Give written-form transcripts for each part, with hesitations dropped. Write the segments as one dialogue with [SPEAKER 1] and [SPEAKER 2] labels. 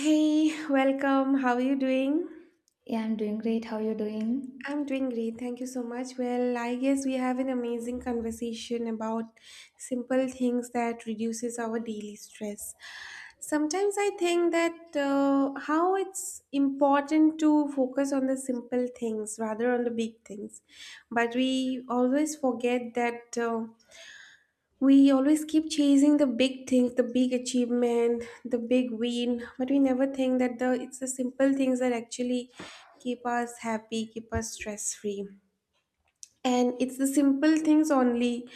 [SPEAKER 1] Hey, welcome. How are you doing?
[SPEAKER 2] Yeah, I'm doing great. How you doing?
[SPEAKER 1] I'm doing great. Thank you so much. Well, I guess we have an amazing conversation about simple things that reduces our daily stress. Sometimes I think that how it's important to focus on the simple things rather on the big things, but we always forget that. We always keep chasing the big things, the big achievement, the big win, but we never think that the it's the simple things that actually keep us happy, keep us stress free. And it's the simple things only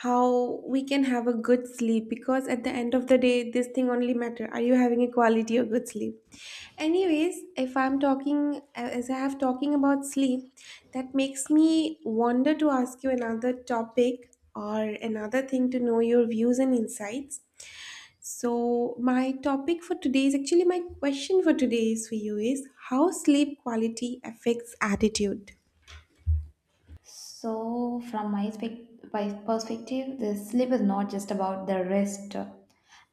[SPEAKER 1] how we can have a good sleep because at the end of the day this thing only matter. Are you having a quality or good sleep? Anyways, if I'm talking as I have talking about sleep, that makes me wonder to ask you another topic or another thing to know your views and insights. So my topic for today is actually my question for today is for you is how sleep quality affects attitude.
[SPEAKER 2] So, from my perspective, the sleep is not just about the rest.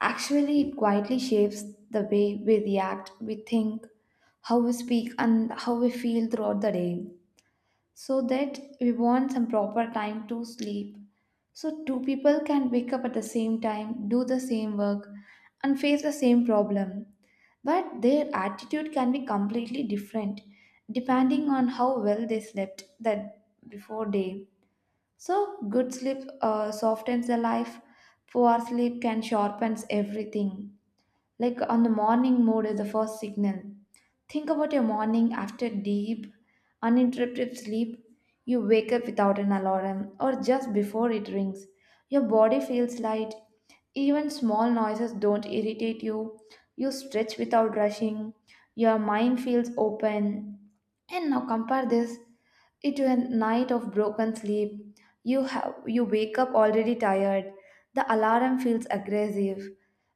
[SPEAKER 2] Actually, it quietly shapes the way we react, we think, how we speak, and how we feel throughout the day. So that we want some proper time to sleep. So, two people can wake up at the same time, do the same work, and face the same problem. But their attitude can be completely different depending on how well they slept that before day. So, good sleep softens the life, poor sleep can sharpens everything. Like on the morning mood is the first signal. Think about your morning after deep, uninterrupted sleep. You wake up without an alarm or just before it rings. Your body feels light. Even small noises don't irritate you. You stretch without rushing. Your mind feels open. And now compare this it to a night of broken sleep. You wake up already tired. The alarm feels aggressive.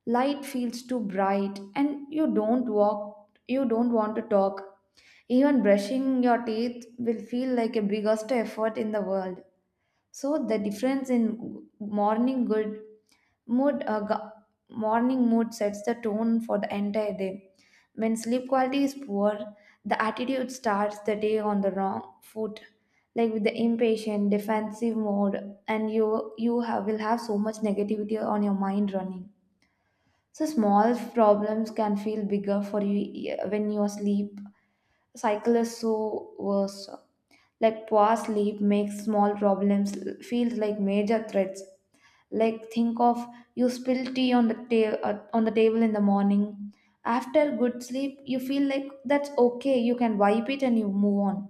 [SPEAKER 2] Light feels too bright and you don't want to talk. Even brushing your teeth will feel like a biggest effort in the world. So the difference in mood uh, gu- morning mood sets the tone for the entire day. When sleep quality is poor, the attitude starts the day on the wrong foot. Like with the impatient, defensive mode, and you have will have so much negativity on your mind running. So small problems can feel bigger for you, yeah, when your sleep cycle is so worse. Like poor sleep makes small problems feel like major threats. Like think of you spill tea on the on the table in the morning. After good sleep, you feel like that's okay. You can wipe it and you move on.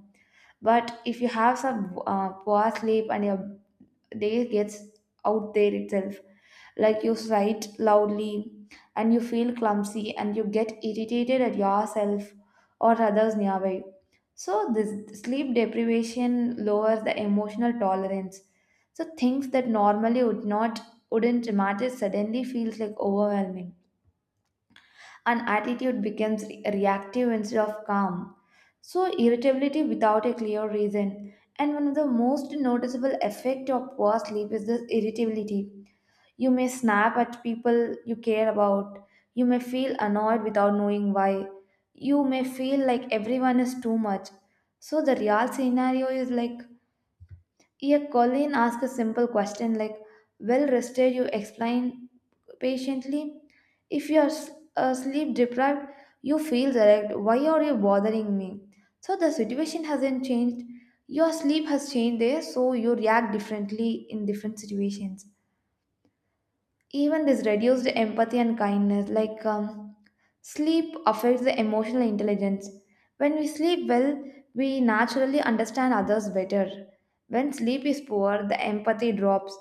[SPEAKER 2] But if you have some poor sleep and your day gets out there itself, like you write loudly and you feel clumsy and you get irritated at yourself or others nearby. So this sleep deprivation lowers the emotional tolerance, so things that normally wouldn't matter suddenly feels like overwhelming, and attitude becomes reactive instead of calm. So, irritability without a clear reason. And one of the most noticeable effect of poor sleep is this irritability. You may snap at people you care about. You may feel annoyed without knowing why. You may feel like everyone is too much. So the real scenario is like, yeah, Colleen asked a simple question like, well rested, you explain patiently. If you are sleep deprived, you feel direct. Why are you bothering me? So the situation hasn't changed. Your sleep has changed there, so you react differently in different situations. Even this reduced empathy and kindness, like, sleep affects the emotional intelligence. When we sleep well, we naturally understand others better. When sleep is poor, the empathy drops.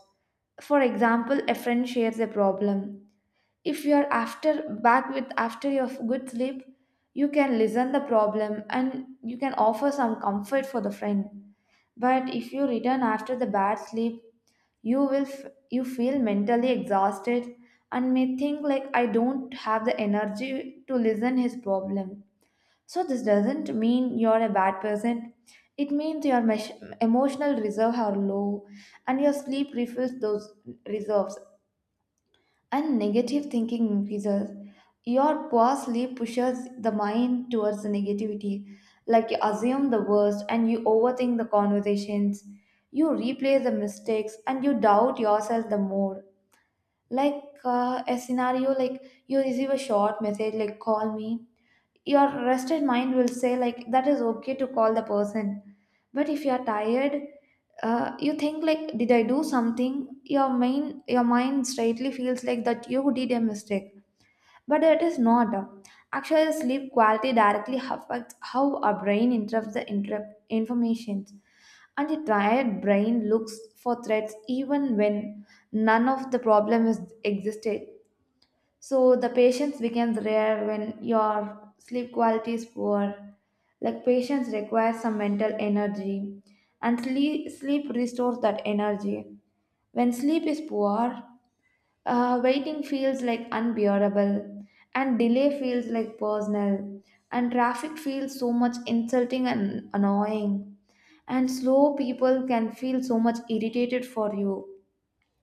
[SPEAKER 2] For example, a friend shares a problem. If you are after back with after your good sleep, you can listen the problem and you can offer some comfort for the friend. But if you return after the bad sleep, you will you feel mentally exhausted and may think like, I don't have the energy to listen his problem. So this doesn't mean you're a bad person. It means your emotional reserve are low and your sleep refills those reserves. And negative thinking increases. Your past pushes the mind towards the negativity. Like you assume the worst and you overthink the conversations. You replay the mistakes and you doubt yourself the more. Like a scenario, like you receive a short message like, call me. Your rested mind will say like that is okay to call the person. But if you are tired, you think like, did I do something? Your mind straightly feels like that you did a mistake, but it is not. Actually sleep quality directly affects how our brain interprets the information, and the tired brain looks for threats even when none of the problem is existed. So the patience becomes rare when your sleep quality is poor. Like patience requires some mental energy, and sleep restores that energy. When sleep is poor, waiting feels like unbearable, and delay feels like personal, and traffic feels so much insulting and annoying, and slow people can feel so much irritated for you.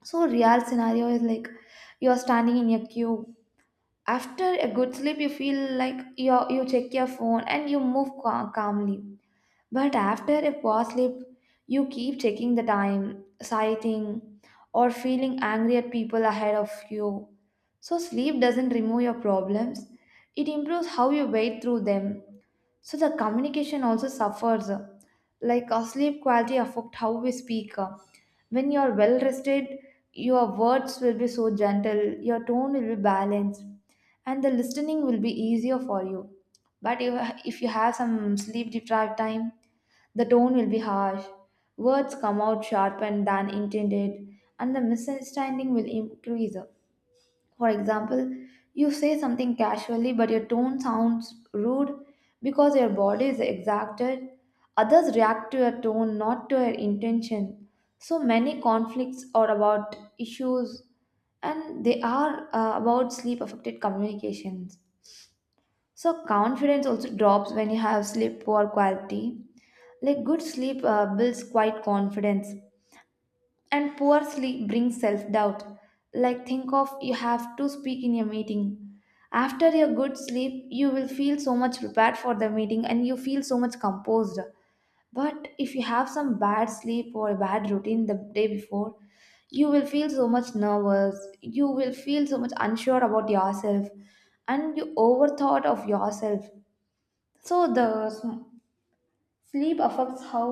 [SPEAKER 2] So real scenario is like, you are standing in a queue. After a good sleep, you feel like you check your phone and you move calmly. But after a poor sleep, you keep checking the time sighting or feeling angry at people ahead of you. So sleep doesn't remove your problems, it improves how you wade through them. So the communication also suffers. Like our sleep quality affect how we speak. When you are well rested, your words will be so gentle, your tone will be balanced, and the listening will be easier for you. But If you have some sleep deprived time, the tone will be harsh, words come out sharper than intended, and the misunderstanding will increase. For example, you say something casually, but your tone sounds rude because your body is exacted. Others react to your tone, not to your intention. So many conflicts are about issues and they are, about sleep affected communications. So, confidence also drops when you have sleep poor quality. Like, good sleep builds quite confidence, and poor sleep brings self doubt. Like, think of you have to speak in a meeting. After your good sleep, you will feel so much prepared for the meeting and you feel so much composed. But if you have some bad sleep or a bad routine the day before, you will feel so much nervous. You will feel so much unsure about yourself and you overthought of yourself. So, the sleep affects how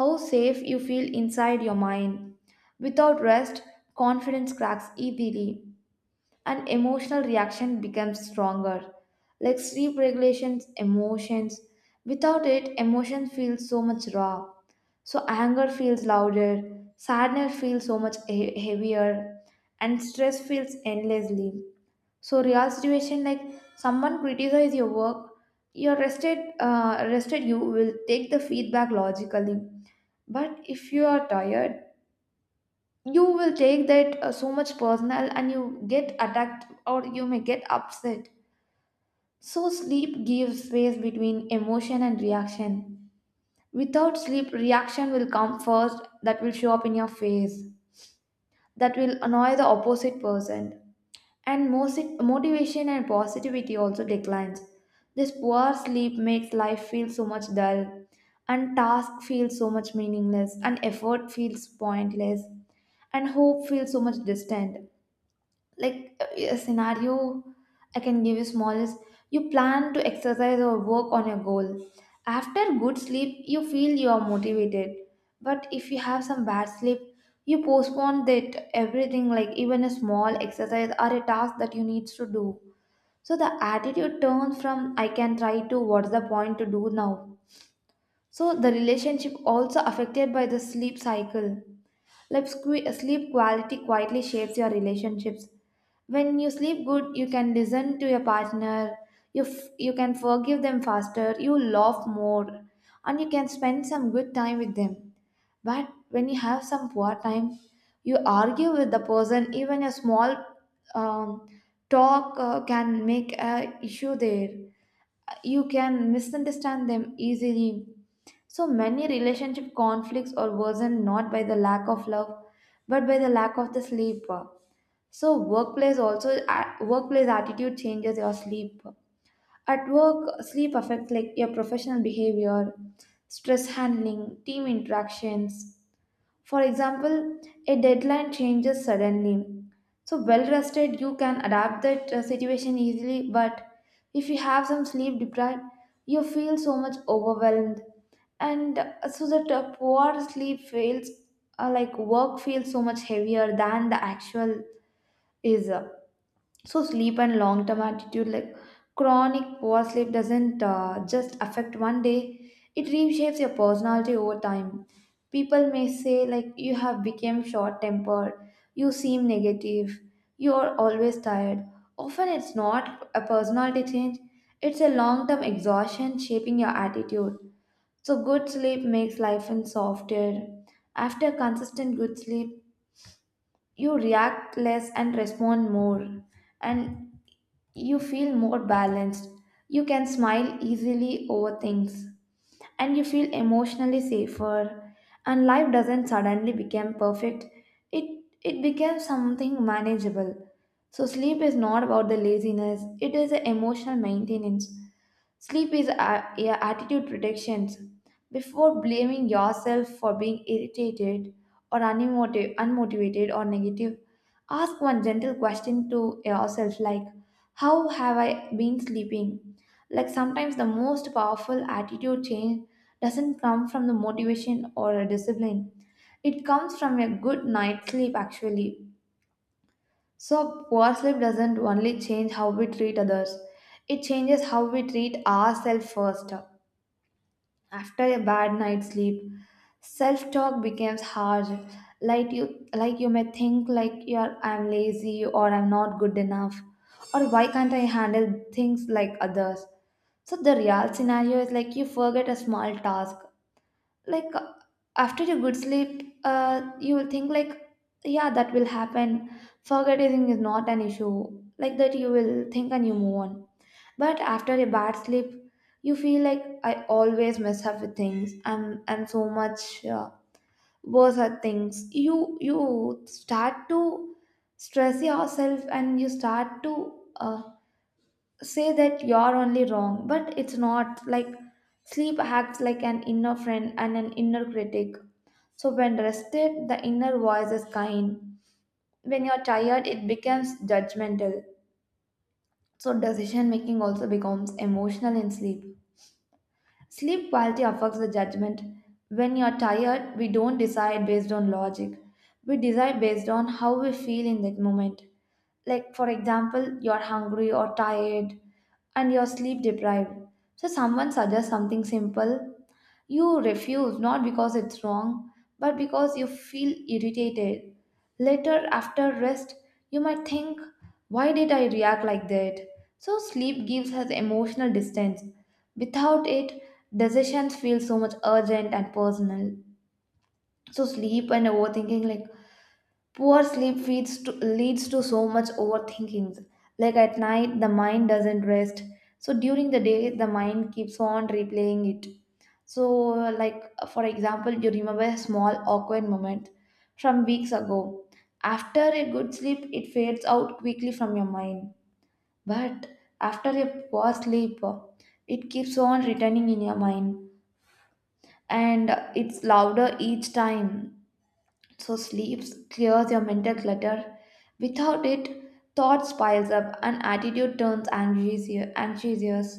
[SPEAKER 2] how safe you feel inside your mind. Without rest, confidence cracks easily and emotional reaction becomes stronger. Like sleep regulations, emotions. Without it, emotions feel so much raw. So anger feels louder, sadness feels so much heavier, and stress feels endlessly. So real situation like someone criticize your work, your rested you will take the feedback logically. But if you are tired, you will take that so much personal and you get attacked or you may get upset. So sleep gives space between emotion and reaction. Without sleep, reaction will come first, that will show up in your face, that will annoy the opposite person. And motivation and positivity also declines. This poor sleep makes life feel so much dull, and task feels so much meaningless, and effort feels pointless, and hope feels so much distant. Like a scenario I can give you small is, you plan to exercise or work on your goal. After good sleep, you feel you are motivated. But if you have some bad sleep, you postpone that everything, like even a small exercise or a task that you need to do. So the attitude turns from, I can try, to, what's the point to do now. So the relationship also affected by the sleep cycle. Like sleep quality quietly shapes your relationships. When you sleep good, you can listen to your partner, you can forgive them faster, you laugh more, and you can spend some good time with them. But when you have some poor time, you argue with the person. Even a small um, talk can make a issue there, you can misunderstand them easily. So many relationship conflicts are worsened not by the lack of love, but by the lack of the sleep. So workplace workplace attitude changes your sleep. At work, sleep affects like your professional behavior, stress handling, team interactions. For example, a deadline changes suddenly. So, well rested, you can adapt that situation easily, but if you have some sleep deprived, you feel so much overwhelmed. And so, that poor sleep feels like work feels so much heavier than the actual is. So sleep and long term attitude, like chronic poor sleep doesn't just affect one day, it reshapes your personality over time. People may say like you have become short tempered, you seem negative, you are always tired. Often it's not a personality change, it's a long term exhaustion shaping your attitude. So good sleep makes life and softer. After consistent good sleep, you react less and respond more, and you feel more balanced, you can smile easily over things, and you feel emotionally safer, and life doesn't suddenly become perfect, it it becomes something manageable. So sleep is not about the laziness, it is the emotional maintenance. Sleep is a attitude predictions. Before blaming yourself for being irritated or unmotivated or negative, ask one gentle question to yourself like, how have I been sleeping? Like sometimes the most powerful attitude change doesn't come from the motivation or a discipline. It comes from a good night's sleep actually. So poor sleep doesn't only change how we treat others, it changes how we treat ourselves first. After a bad night's sleep, self talk becomes harsh. Like you may think like you're I'm lazy or I'm not good enough, or why can't I handle things like others. So the real scenario is like you forget a small task, like after a good sleep you will think like yeah, that will happen, forgetting is not an issue, like that you will think and you move on. But after a bad sleep you feel like I always mess up with things. I'm so much worse at things. You start to stress yourself and you start to uh, say that you're only wrong. But it's not like. Sleep acts like an inner friend and an inner critic. So when rested, the inner voice is kind. When you're tired, it becomes judgmental. So decision making also becomes emotional in sleep. Sleep quality affects the judgment. When you're tired, we don't decide based on logic, we decide based on how we feel in that moment. Like for example, you're hungry or tired and you're sleep deprived, so someone suggests something simple, you refuse not because it's wrong but because you feel irritated. Later after rest, you might think, why did I react like that? So sleep gives us emotional distance. Without it, decisions feel so much urgent and personal. So sleep and overthinking, like poor sleep leads to so much overthinking. Like at night, the mind doesn't rest. So during the day, the mind keeps on replaying it. So, like for example, you remember a small awkward moment from weeks ago. After a good sleep, it fades out quickly from your mind. But after a poor sleep, it keeps on returning in your mind, and it's louder each time. So sleep clears your mental clutter. Without it, thoughts piles up and attitude turns anxious, anxious.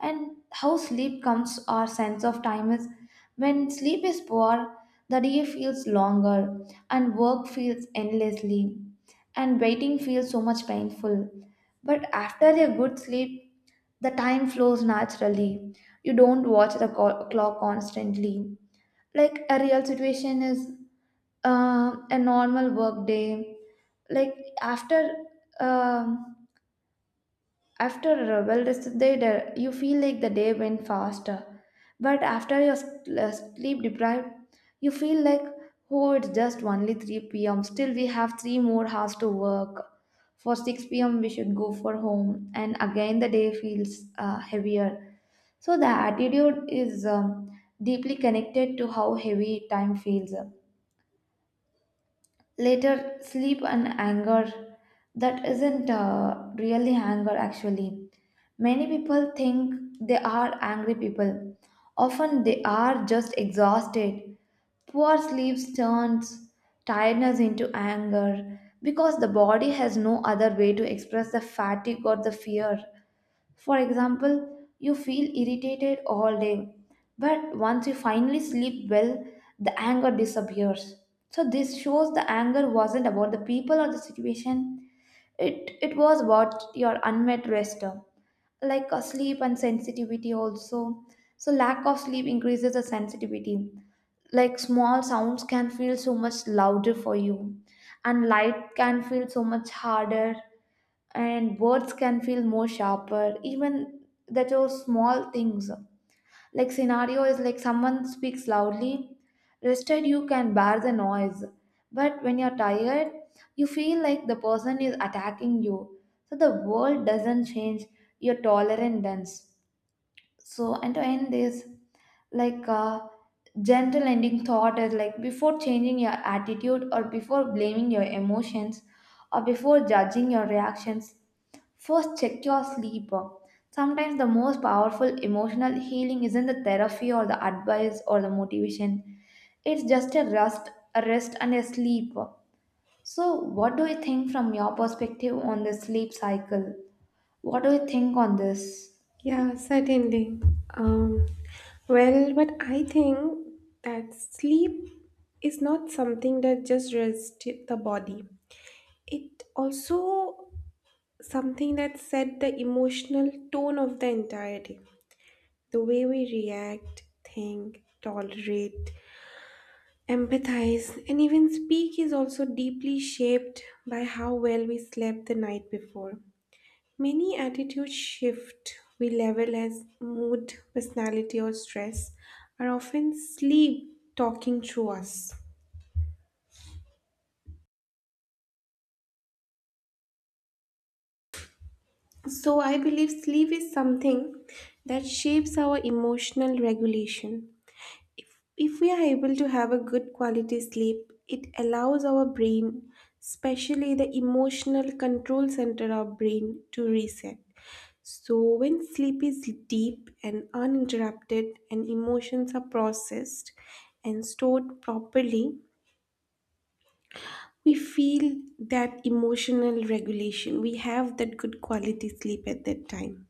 [SPEAKER 2] And how sleep comes our sense of time is, when sleep is poor, the day feels longer and work feels endlessly and waiting feels so much painful. But after a good sleep, the time flows naturally. You don't watch the clock constantly. Like a real situation is a normal work day, like after um after a well rested day you feel like the day went faster. But after your sleep deprived, you feel like, oh it's just only 3 p.m still we have 3 more hours to work for 6 p.m we should go for home, and again the day feels heavier. So the attitude is deeply connected to how heavy time feels. Later sleep and anger, that isn't really anger actually. Many people think they are angry people, often they are just exhausted. Poor sleep turns tiredness into anger because the body has no other way to express the fatigue or the fear. For example, you feel irritated all day, but once you finally sleep well, the anger disappears. So this shows the anger wasn't about the people or the situation, it was about your unmet rest. Like sleep and sensitivity also. So lack of sleep increases the sensitivity. Like small sounds can feel so much louder for you, and light can feel so much harder, and words can feel more sharper even. That are small things. Like scenario is, like someone speaks loudly, rested you can bear the noise, but when you're tired you feel like the person is attacking you. So the world doesn't change, your tolerance does. So, and to end this, like gentle ending thought is, like before changing your attitude or before blaming your emotions or before judging your reactions, first check your sleep. Sometimes the most powerful emotional healing isn't the therapy or the advice or the motivation. It's just a rest and a sleep. So what do you think from your perspective on the sleep cycle? What do you think on this?
[SPEAKER 1] Yeah, certainly. um, well, but I think that sleep is not something that just rests the body. It also something that set the emotional tone of the entire day. The way we react, think, tolerate, empathize, and even speak is also deeply shaped by how well we slept the night before. Many attitudes shift we level as mood, personality, or stress are often sleep talking through us. So, I believe sleep is something that shapes our emotional regulation. If we are able to have a good quality sleep, it allows our brain, especially the emotional control center of brain, to reset. So when sleep is deep and uninterrupted and emotions are processed and stored properly, we feel that emotional regulation. We have that good quality sleep at that time.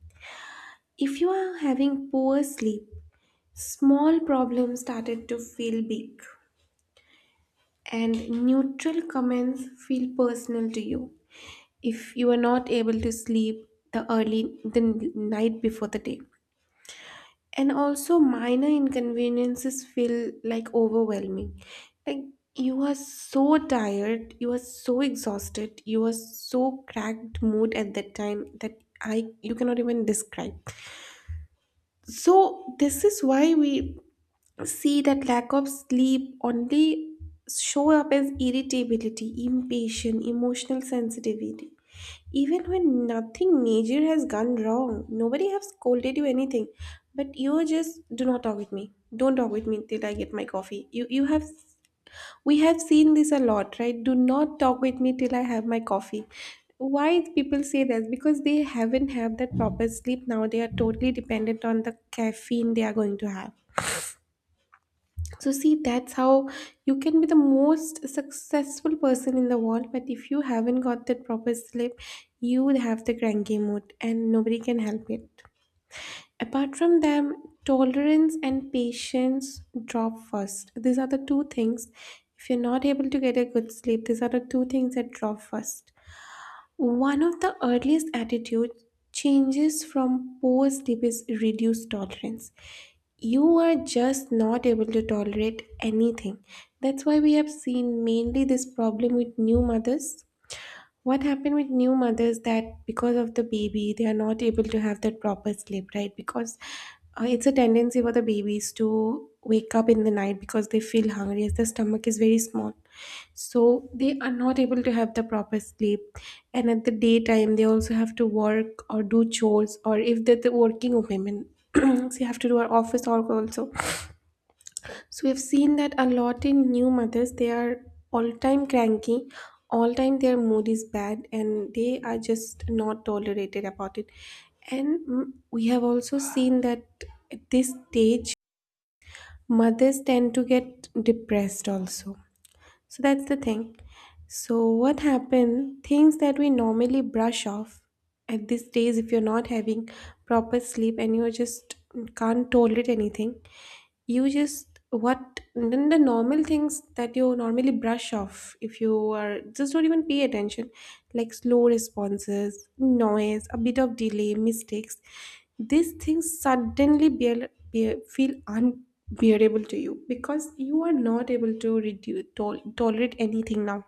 [SPEAKER 1] If you are having poor sleep, small problems started to feel big and neutral comments feel personal to you if you are not able to sleep the early the night before the day, and also minor inconveniences feel like overwhelming. Like, you are so tired, you are so exhausted, you are so cracked mood at that time that I you cannot even describe. So this is why we see that lack of sleep only show up as irritability, impatience, emotional sensitivity. Even when nothing major has gone wrong, nobody has scolded you anything, but you just do not talk with me. Don't talk with me till I get my coffee. You have We have seen this a lot, right? Do not talk with me till I have my coffee. Why people say that? Because they haven't had that proper sleep now. They are totally dependent on the caffeine they are going to have. So, see, that's how you can be the most successful person in the world, but if you haven't got that proper sleep, you would have the cranky mood and nobody can help it. Apart from them, tolerance and patience drop first. These are the two things. If you're not able to get a good sleep, these are the two things that drop first. One of the earliest attitude changes from poor sleep is reduced tolerance. You are just not able to tolerate anything. That's why we have seen mainly this problem with new mothers. What happened with new mothers that because of the baby they are not able to have that proper sleep, right? Because it's a tendency for the babies to wake up in the night because they feel hungry as the stomach is very small, so they are not able to have the proper sleep. And at the daytime they also have to work or do chores, or if they're the working women they have to do our office work also. So we've seen that a lot in new mothers. They are all time cranky, all time their mood is bad, and they are just not tolerated about it. And we have also seen that at this stage, mothers tend to get depressed also. So that's the thing. So what happened? Things that we normally brush off at these days, if you're not having proper sleep and you just can't tolerate anything, you just what then the normal things that you normally brush off if you are just don't even pay attention, like slow responses, noise, a bit of delay, mistakes, these things suddenly feel unbearable to you because you are not able to tolerate anything now.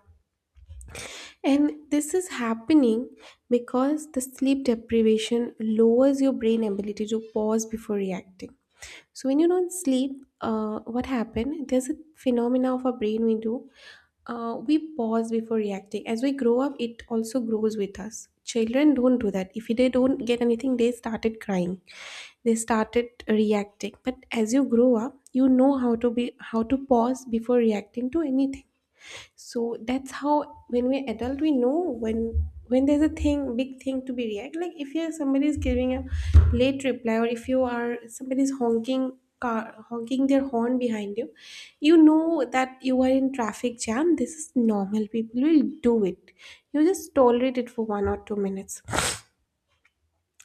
[SPEAKER 1] And this is happening because the sleep deprivation lowers your brain ability to pause before reacting. So when you don't sleep, what happened? There's a phenomena of our brain we do. We pause before reacting. As we grow up, it also grows with us. Children don't do that. If they don't get anything, they started crying. They started reacting. But as you grow up, you know how to be how to pause before reacting to anything. So that's how when we're adult we know when there's a thing big thing to be react. Like if you're somebody is giving a late reply, or if you are somebody's honking car honking their horn behind you, you know that you are in traffic jam, this is normal, people will do it. You just tolerate it for 1 or 2 minutes.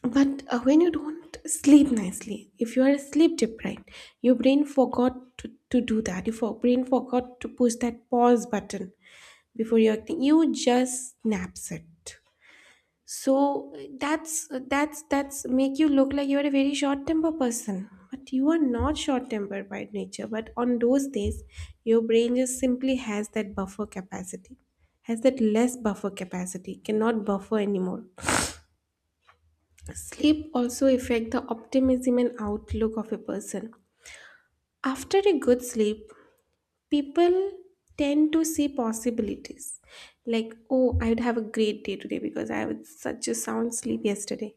[SPEAKER 1] But when you don't sleep nicely, if you are sleep deprived, your brain forgot to do that. Your brain forgot to push that pause button before you acting. You just snaps it. So that's make you look like you are a very short temper person. But you are not short tempered by nature. But on those days, your brain just simply has that buffer capacity, has that less buffer capacity, cannot buffer anymore. Sleep also affect the optimism and outlook of a person. After a good sleep, people tend to see possibilities. Like, oh, I'd have a great day today because I had such a sound sleep yesterday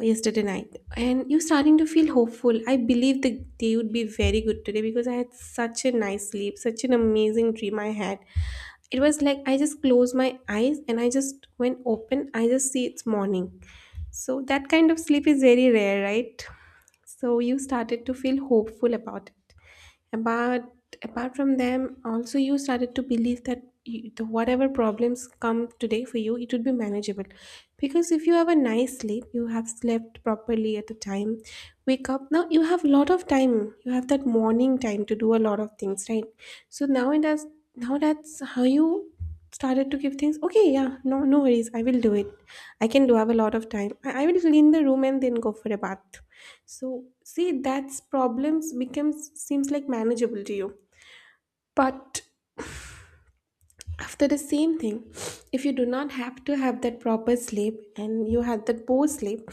[SPEAKER 1] yesterday night and you're starting to feel hopeful. I believe the day would be very good today because I had such a nice sleep, such an amazing dream I had. It was like I just closed my eyes and I just when open I just see it's morning. So that kind of sleep is very rare, right? So you started to feel hopeful about it. But apart from them, also you started to believe that the whatever problems come today for you, it would be manageable. Because if you have a nice sleep, you have slept properly at the time, wake up. Now you have a lot of time. You have that morning time to do a lot of things, right? So now it does. Now that's how you started to give things, okay, yeah, no, no worries, I will do it, I can do I have a lot of time, I will clean the room and then go for a bath. So see, that's problems becomes seems like manageable to you. But after the same thing, if you do not have to have that proper sleep and you had that poor sleep,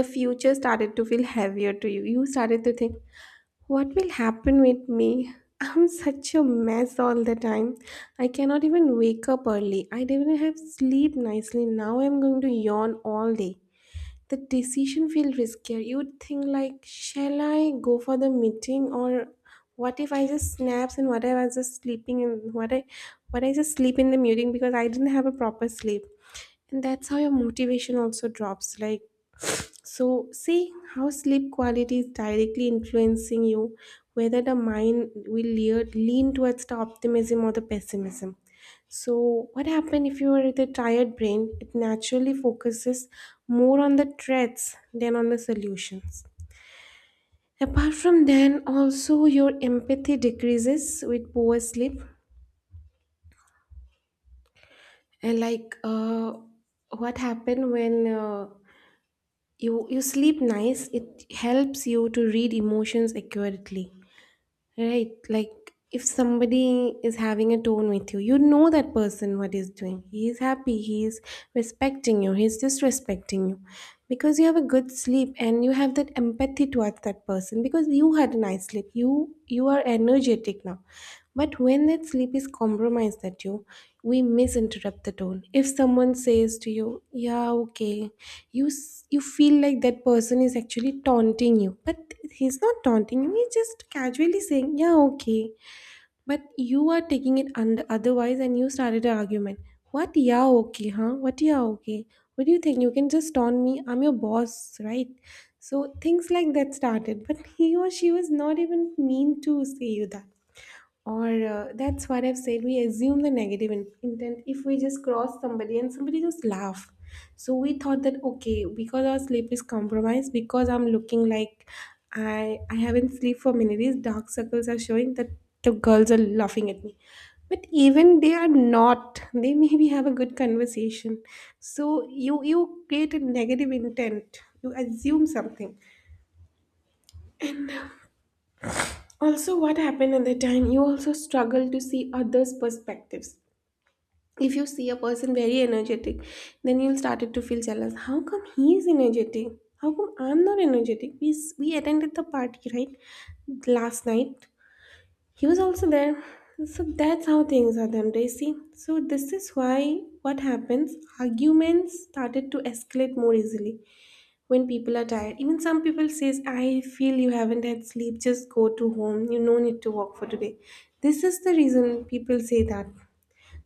[SPEAKER 1] the future started to feel heavier to you started to think, what will happen with me? I'm such a mess all the time. I cannot even wake up early. I didn't even have sleep nicely. Now I'm going to yawn all day. The decision feels riskier. You'd think like, shall I go for the meeting, or what if I just snaps, and what if I was just sleeping, and what I just sleep in the meeting because I didn't have a proper sleep. And that's how your motivation also drops. Like, so, see how sleep quality is directly influencing you, whether the mind will lean towards the optimism or the pessimism. So, what happens if you are with a tired brain? It naturally focuses more on the threats than on the solutions. Apart from then, also your empathy decreases with poor sleep. And like what happened when you sleep nice, it helps you to read emotions accurately. Right, like if somebody is having a tone with you, you know that person what he's doing. He is happy, he is respecting you, he's disrespecting you. Because you have a good sleep and you have that empathy towards that person because you had a nice sleep. You are energetic now. But when that sleep is compromised that we misinterpret the tone. If someone says to you, yeah, okay, you feel like that person is actually taunting you, but he's not taunting you, he's just casually saying, yeah, okay. But you are taking it under otherwise and you started an argument. What, yeah, okay, huh? What, yeah, okay? What do you think? You can just taunt me. I'm your boss, right? So things like that started. But he or she was not even mean to say you that. Or That's what I've said. We assume the negative intent if we just cross somebody and somebody just laugh. So we thought that okay, because our sleep is compromised, because I'm looking like I haven't slept for many days, dark circles are showing that the girls are laughing at me. But even they are not. They maybe have a good conversation. So you create a negative intent. You assume something. Also, what happened at the time? You also struggle to see others' perspectives if you see a person very energetic, then you'll started to feel jealous. How come he is energetic, how come I'm not energetic? We attended the party right last night, he was also there. So that's how things are done, Daisy. So this is why what happens, arguments started to escalate more easily when people are tired. Even some people says, I feel you haven't had sleep, just go to home, you no need to work for today. This is the reason people say that.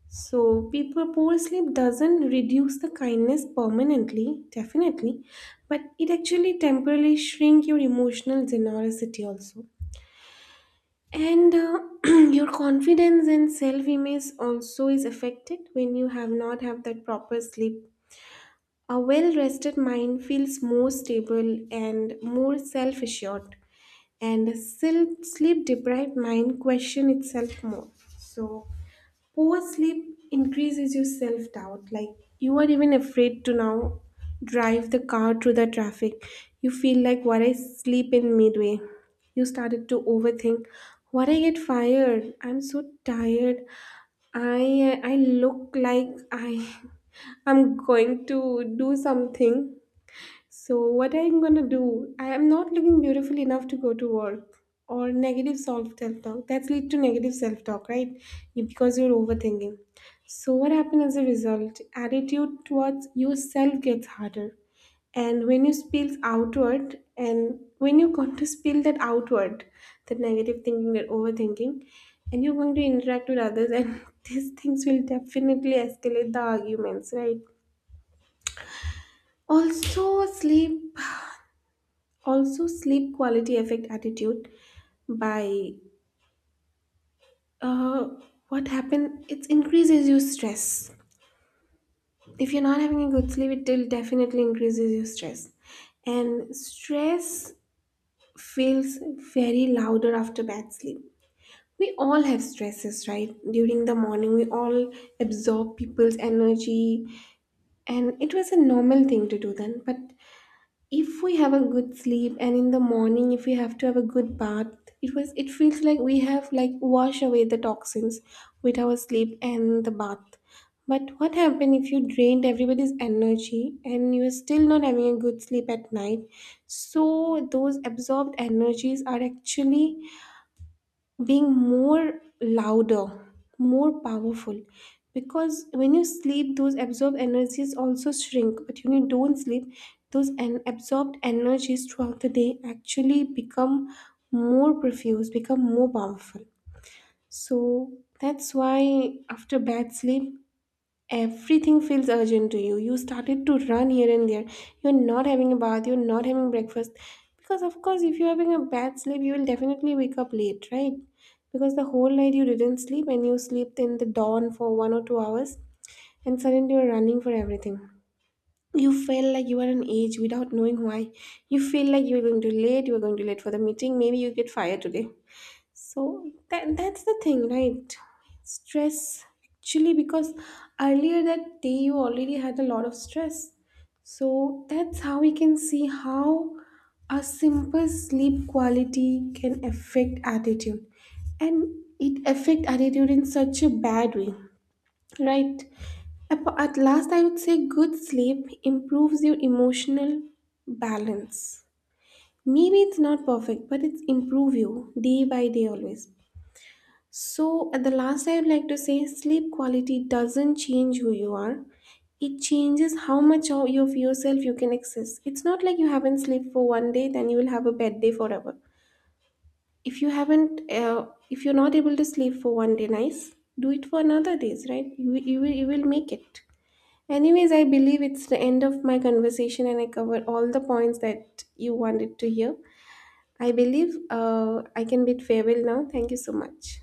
[SPEAKER 1] So, people, poor sleep doesn't reduce the kindness permanently, definitely, but it actually temporarily shrink your emotional generosity also. And Your confidence and self-image also is affected when you have not have that proper sleep. A well-rested mind feels more stable and more self-assured, and a sleep-deprived mind question itself more. So poor sleep increases your self doubt. Like, you are even afraid to now drive the car through the traffic. You feel like, what I sleep in midway. You started to overthink. What I get fired? I'm so tired. I look like I I'm going to do something. So, what I'm gonna do? I am not looking beautiful enough to go to work, or negative self talk. That's lead to negative self talk, right? Because you're overthinking. So, what happens as a result? Attitude towards yourself gets harder. And when you spill outward, and when you're going to spill that outward, that negative thinking, that overthinking, and you're going to interact with others, and these things will definitely escalate the arguments, right? Also, sleep, also sleep quality affect attitude by, uh, what happen, it increases your stress. If you're not having a good sleep, it will definitely increases your stress. And stress feels very louder after bad sleep. We all have stresses, right? During the morning, we all absorb people's energy, and it was a normal thing to do then. But if we have a good sleep, and in the morning if we have to have a good bath, it feels like we have like wash away the toxins with our sleep and the bath. But what happened if you drained everybody's energy and you're still not having a good sleep at night? So those absorbed energies are actually being more louder, more powerful. Because when you sleep, those absorbed energies also shrink. But when you don't sleep, those absorbed energies throughout the day actually become more profuse, become more powerful. So that's why after bad sleep, everything feels urgent to you. You started to run here and there. You're not having a bath, you're not having breakfast. Because, of course, if you're having a bad sleep, you will definitely wake up late, right? Because the whole night you didn't sleep and you slept in the dawn for 1 or 2 hours, and suddenly you're running for everything. You feel like you are an age without knowing why. You feel like you're going to late, you're going to late for the meeting, maybe you get fired today. So that's the thing, right? Stress, actually because earlier that day you already had a lot of stress. So that's how we can see how a simple sleep quality can affect attitude. And it affect attitude in such a bad way, right? At last, I would say good sleep improves your emotional balance. Maybe it's not perfect, but it's improve you day by day always. So, at the last, I would like to say sleep quality doesn't change who you are. It changes how much of of yourself you can access. It's not like you haven't slept for one day, then you will have a bad day forever. If you haven't, if you're not able to sleep for one day, nice. Do it for another days, right? You will make it. Anyways, I believe it's the end of my conversation, and I covered all the points that you wanted to hear. I believe I can bid farewell now. Thank you so much.